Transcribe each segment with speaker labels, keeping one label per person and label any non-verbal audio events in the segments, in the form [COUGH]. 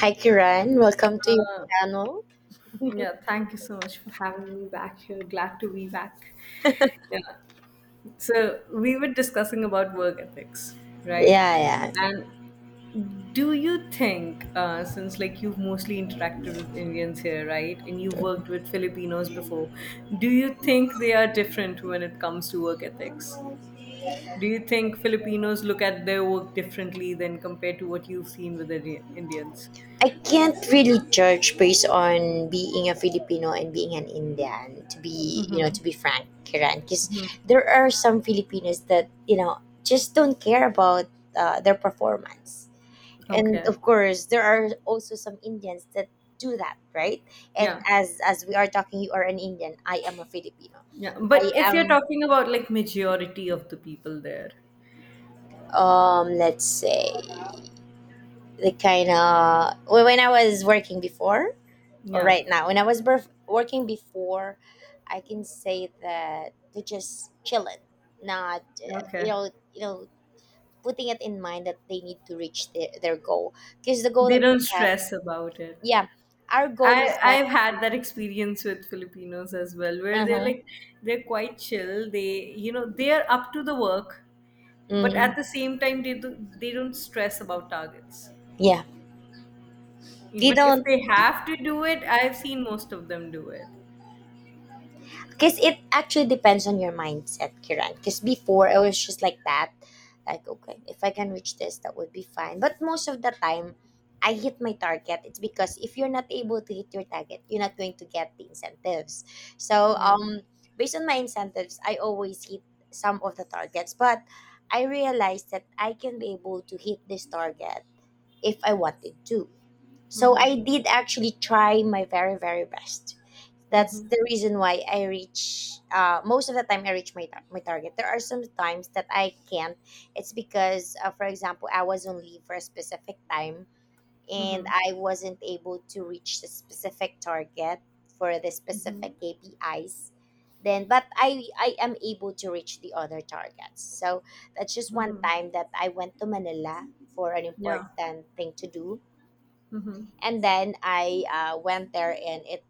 Speaker 1: Hi, Kiran. Welcome to your channel.
Speaker 2: Yeah, thank you so much for having me back here. Glad to be back. Yeah. So we were discussing about work ethics, right?
Speaker 1: Yeah, yeah.
Speaker 2: And do you think, since like you've mostly interacted with Indians here, right, and you've worked with Filipinos before, do you think they are different when it comes to work ethics? Do you think Filipinos look at their work differently than compared to what you've seen with the Indians?
Speaker 1: I can't really judge based on being a Filipino and being an Indian. To be frank, Kiran, because there are some Filipinos that just don't care about their performance, and
Speaker 2: Okay.
Speaker 1: of course, there are also some Indians that do that, right? And
Speaker 2: Yeah.
Speaker 1: as we are talking, you are an Indian. I am a Filipino.
Speaker 2: Yeah,
Speaker 1: I
Speaker 2: but if you're
Speaker 1: am
Speaker 2: talking about like majority of the people there,
Speaker 1: let's say the kind of, well, when I was working before or
Speaker 2: yeah,
Speaker 1: right now when I was birth, working before, I can say that they just chilling, not
Speaker 2: okay,
Speaker 1: putting it in mind that they need to reach their goal, because the goal
Speaker 2: they
Speaker 1: that
Speaker 2: don't
Speaker 1: we have.
Speaker 2: stress about it.
Speaker 1: Yeah, our goal
Speaker 2: I
Speaker 1: is that.
Speaker 2: I've had that experience with Filipinos as well, where they're like
Speaker 1: Uh-huh.
Speaker 2: they're quite chill. They they are up to the work, but at
Speaker 1: Mm.
Speaker 2: the same time they don't stress about targets.
Speaker 1: Yeah, we
Speaker 2: But if
Speaker 1: don't.
Speaker 2: they have to do it, I've seen most of them do it.
Speaker 1: Because it actually depends on your mindset, Kiran. Because before I was just like that, like okay, if I can reach this, that would be fine. But most of the time, I hit my target. It's because if you're not able to hit your target, you're not going to get the incentives. So,
Speaker 2: Yeah.
Speaker 1: based on my incentives, I always hit some of the targets. But I realized that I can be able to hit this target if I wanted to. So
Speaker 2: Mm-hmm.
Speaker 1: I did actually try my very very best. That's
Speaker 2: Mm-hmm.
Speaker 1: the reason why I reach, most of the time I reach my target. There are some times that I can't. It's because, for example, I was on leave for a specific time and
Speaker 2: Mm-hmm.
Speaker 1: I wasn't able to reach the specific target for the
Speaker 2: Mm-hmm.
Speaker 1: specific KPIs. Then, but I am able to reach the other targets. So that's just one time that I went to Manila for an
Speaker 2: Yeah.
Speaker 1: important thing to do,
Speaker 2: Mm-hmm.
Speaker 1: and then I, went there and it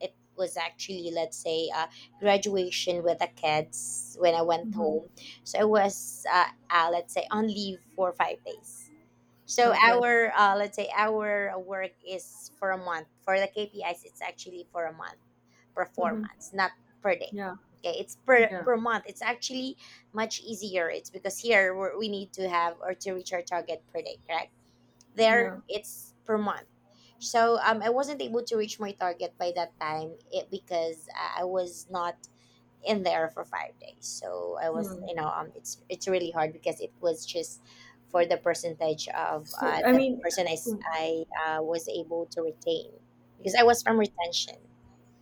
Speaker 1: it was actually, let's say, graduation with the kids when I went
Speaker 2: Mm-hmm.
Speaker 1: home. So I was, let's say, on leave for 5 days. So
Speaker 2: Okay.
Speaker 1: our, let's say, our work is for a month. For the KPIs, it's actually for a month
Speaker 2: Mm-hmm.
Speaker 1: performance, not per day.
Speaker 2: Yeah,
Speaker 1: Okay, it's per
Speaker 2: yeah,
Speaker 1: per month. It's actually much easier. It's because here we need to have or to reach our target per day, correct? There
Speaker 2: yeah.
Speaker 1: it's per month. So, I wasn't able to reach my target by that time, because I was not in there for 5 days. So I was,
Speaker 2: Hmm.
Speaker 1: it's really hard, because it was just for the percentage of,
Speaker 2: So, I
Speaker 1: the
Speaker 2: mean,
Speaker 1: person i, s- I, uh, was able to retain, because I was from retention.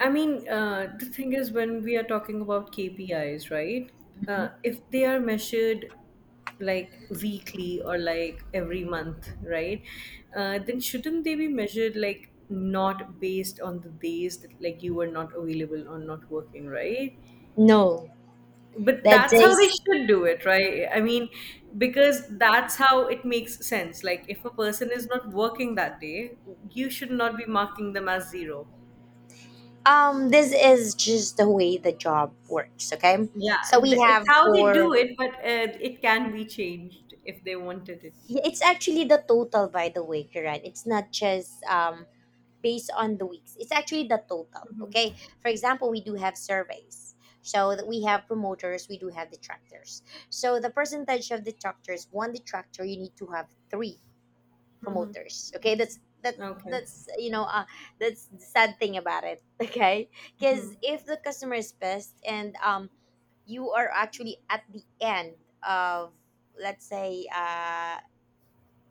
Speaker 2: I mean, the thing is when we are talking about KPIs, right?
Speaker 1: Mhm.
Speaker 2: If they are measured like weekly or like every month, right? Then shouldn't they be measured like not based on the days that like you were not available or not working, right?
Speaker 1: No,
Speaker 2: But
Speaker 1: that
Speaker 2: that's how they
Speaker 1: days.
Speaker 2: should do it, right? I mean, because that's how it makes sense. Like if a person is not working that day, you should not be marking them as zero.
Speaker 1: This is just the way the job works, okay?
Speaker 2: Yeah.
Speaker 1: So we
Speaker 2: It's
Speaker 1: have
Speaker 2: how they
Speaker 1: four.
Speaker 2: do it, but it can be changed if they wanted it.
Speaker 1: Yeah, it's actually the total, by the way, Kiran. It's not just, based on the weeks. It's actually the total. Okay. For example, we do have surveys. So that we have promoters, we do have detractors. So the percentage of detractors, one detractor, you need to have three promoters. Okay, that's
Speaker 2: Okay.
Speaker 1: that's you know uh, that's the sad thing about it. [LAUGHS] Okay, because if the customer is pissed and, you are actually at the end of, let's say,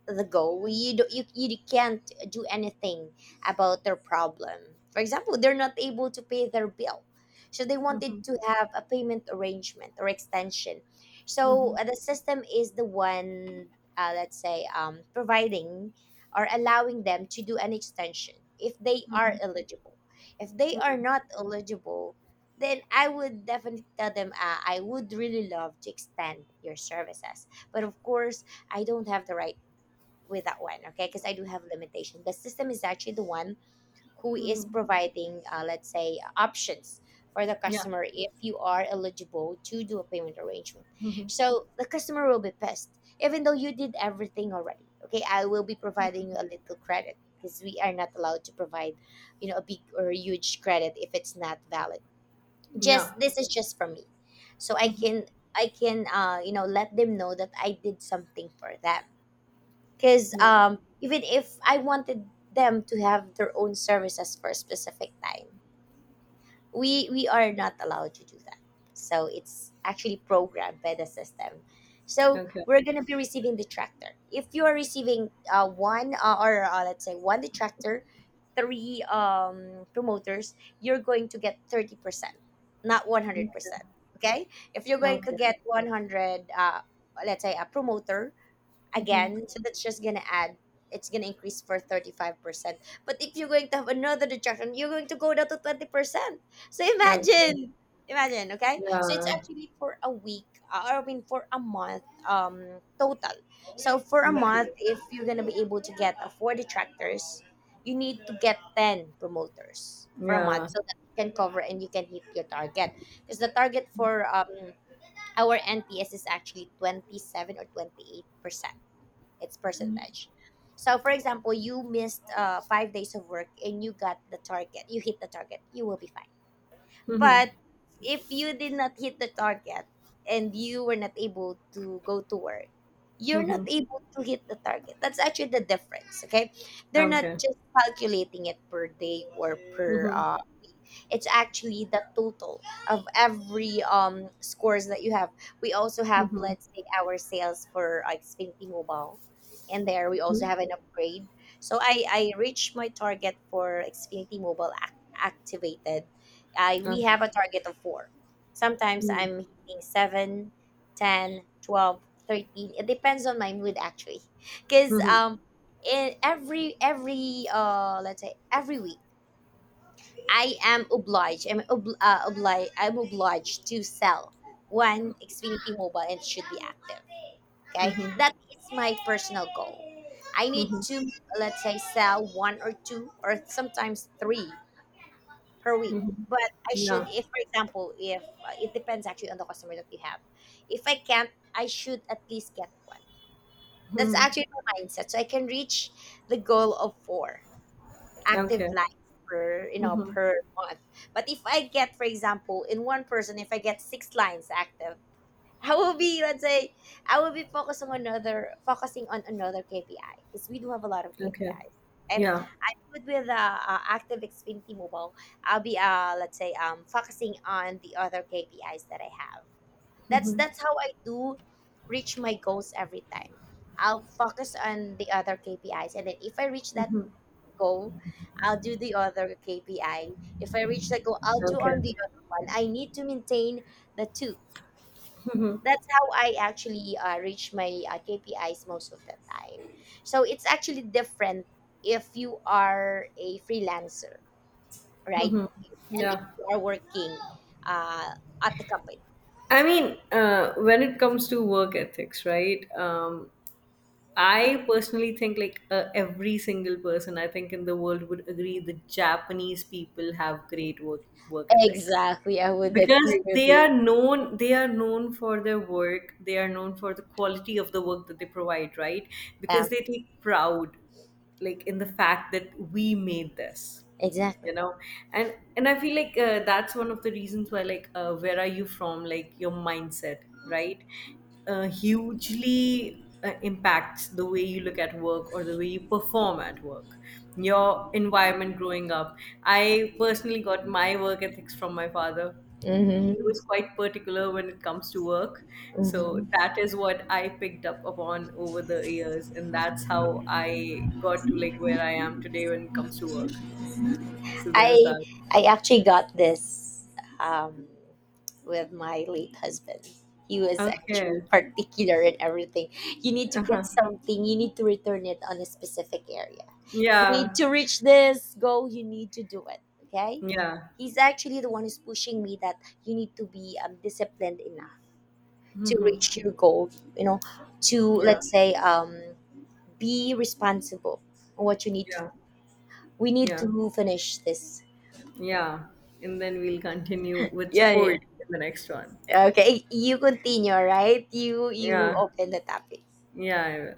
Speaker 1: the goal, you can't do anything about their problem. For example, they're not able to pay their bill, so they
Speaker 2: Mm-hmm.
Speaker 1: wanted to have a payment arrangement or extension. So,
Speaker 2: Hmm.
Speaker 1: the system is the one, let's say, providing or allowing them to do an extension if they are eligible. If they are not eligible, then I would definitely tell them, I would really love to extend your services, but of course I don't have the right with that one, okay? Because I do have limitation. The system is actually the one who is
Speaker 2: Hmm.
Speaker 1: providing, let's say, options for the
Speaker 2: Yeah.
Speaker 1: customer if you are eligible to do a payment arrangement.
Speaker 2: Hmm.
Speaker 1: So the customer will be pissed even though you did everything already. Okay, I will be providing you a little credit, because we are not allowed to provide, a big or huge credit if it's not valid.
Speaker 2: Yeah.
Speaker 1: Just this is just for me. So i
Speaker 2: Hmm.
Speaker 1: can i can let them know that I did something for them. Because,
Speaker 2: Yeah.
Speaker 1: even if I wanted them to have their own services for a specific time, we are not allowed to do that. So it's actually programmed by the system. So
Speaker 2: Okay.
Speaker 1: we're gonna be receiving detractor. If you are receiving, one, or, let's say one detractor, three, promoters, you're going to get 30%, not one hundred
Speaker 2: Okay.
Speaker 1: percent. Okay, if you're going to
Speaker 2: Okay.
Speaker 1: get 100, let's say, a promoter,
Speaker 2: Hmm.
Speaker 1: again. So that's just gonna add. It's gonna increase for 35%. But if you're going to have another deduction, you're going to go down to 20%. So
Speaker 2: Okay.
Speaker 1: imagine, imagine, okay? So it's
Speaker 2: Yeah.
Speaker 1: actually for a week, or I mean for a month, total. So for a
Speaker 2: Okay.
Speaker 1: month, if you're gonna be able to get, four detractors, you need to get 10 promoters for a month,
Speaker 2: Yeah.
Speaker 1: so that you can cover and you can hit your target. Because the target for our NPS is actually 27% or 28%, its percentage. So, for example, you missed, 5 days of work and you got the target, you hit the target, you will be fine. But if you did not hit the target and you were not able to go to work, you're not
Speaker 2: [LAUGHS]
Speaker 1: able to hit the target. That's actually the difference, okay? They're not
Speaker 2: Okay.
Speaker 1: just calculating it per day or per
Speaker 2: Mhm.
Speaker 1: it's actually the total of every scores that you have. We also have,
Speaker 2: Mhm.
Speaker 1: let's say, our sales for like Xfinity Mobile, and there we also
Speaker 2: Mhm.
Speaker 1: have an upgrade. So I reached my target for Xfinity Mobile activated. I we
Speaker 2: Okay.
Speaker 1: have a target of four. Sometimes
Speaker 2: Mhm.
Speaker 1: I'm hitting seven, 10, 12, 13. It depends on my mood actually, because,
Speaker 2: Mhm.
Speaker 1: in every let's say every week, I am obliged. I'm obliged. I'm obliged to sell one Xfinity Mobile and it should be active. Okay, that is my personal goal. I need to, let's say, sell one or two or sometimes three per week. But
Speaker 2: Yeah.
Speaker 1: if, for example, if it depends actually on the customer that we have. If I can't, I should at least get one. That's
Speaker 2: Mhm.
Speaker 1: actually my mindset. So I can reach the goal of four active
Speaker 2: Okay.
Speaker 1: lines per,
Speaker 2: Mhm.
Speaker 1: per month. But if I get, for example, in one person, if I get six lines active, I will be, let's say, I will be focusing on another KPI, because we do have a lot of
Speaker 2: Okay.
Speaker 1: KPIs. And
Speaker 2: Yeah.
Speaker 1: I'm good with, Active Xfinity Mobile. I'll be, let's say, focusing on the other KPIs that I have. That's how I do reach my goals every time. I'll focus on the other KPIs, and then if I reach that goal, I'll do the other KPI. If I reach that goal, I'll do
Speaker 2: Okay.
Speaker 1: on the other one. I need to maintain the two. That's how I actually, reach my, KPIs most of the time. So it's actually different if you are a freelancer, right? And if
Speaker 2: Yeah.
Speaker 1: you are working, uh, at the company.
Speaker 2: I mean, when it comes to work ethics, right? I personally think like every single person, I think, in the world would agree that Japanese people have great work ethics.
Speaker 1: Exactly. I would
Speaker 2: Because
Speaker 1: agree
Speaker 2: they
Speaker 1: with
Speaker 2: are
Speaker 1: you.
Speaker 2: known they are known for their work. They are known for the quality of the work that they provide, right? Because
Speaker 1: Yeah,
Speaker 2: they take proud like in the fact that we made this,
Speaker 1: exactly.
Speaker 2: you know. And I feel like that's one of the reasons why, like, where are you from, like your mindset, right? Hugely impacts the way you look at work or the way you perform at work, your environment growing up. I personally got my work ethics from my father. He
Speaker 1: Mm-hmm.
Speaker 2: was quite particular when it comes to work. So
Speaker 1: Mm-hmm.
Speaker 2: that is what I picked up upon over the years. And that's how I got to like where I am today when it comes to work. So there's
Speaker 1: I
Speaker 2: that.
Speaker 1: I actually got this, um, with my late husband. He was actually
Speaker 2: Okay.
Speaker 1: particular in everything. You need to
Speaker 2: Uh-huh.
Speaker 1: get something. You need to return it on a specific area. You need
Speaker 2: Yeah.
Speaker 1: to reach this goal. You need to do it. Okay.
Speaker 2: Yeah.
Speaker 1: He's actually the one who's pushing me that you need to be, disciplined enough to
Speaker 2: Hmm.
Speaker 1: reach your goal. You know, to,
Speaker 2: Yeah.
Speaker 1: let's say, be responsible on what you need to.
Speaker 2: Yeah.
Speaker 1: We need
Speaker 2: Yeah.
Speaker 1: to finish this.
Speaker 2: Yeah. And then we'll continue with
Speaker 1: Yeah, yeah.
Speaker 2: support in the next one.
Speaker 1: Okay, you continue, right? You
Speaker 2: Yeah.
Speaker 1: open the topic.
Speaker 2: Yeah. I will.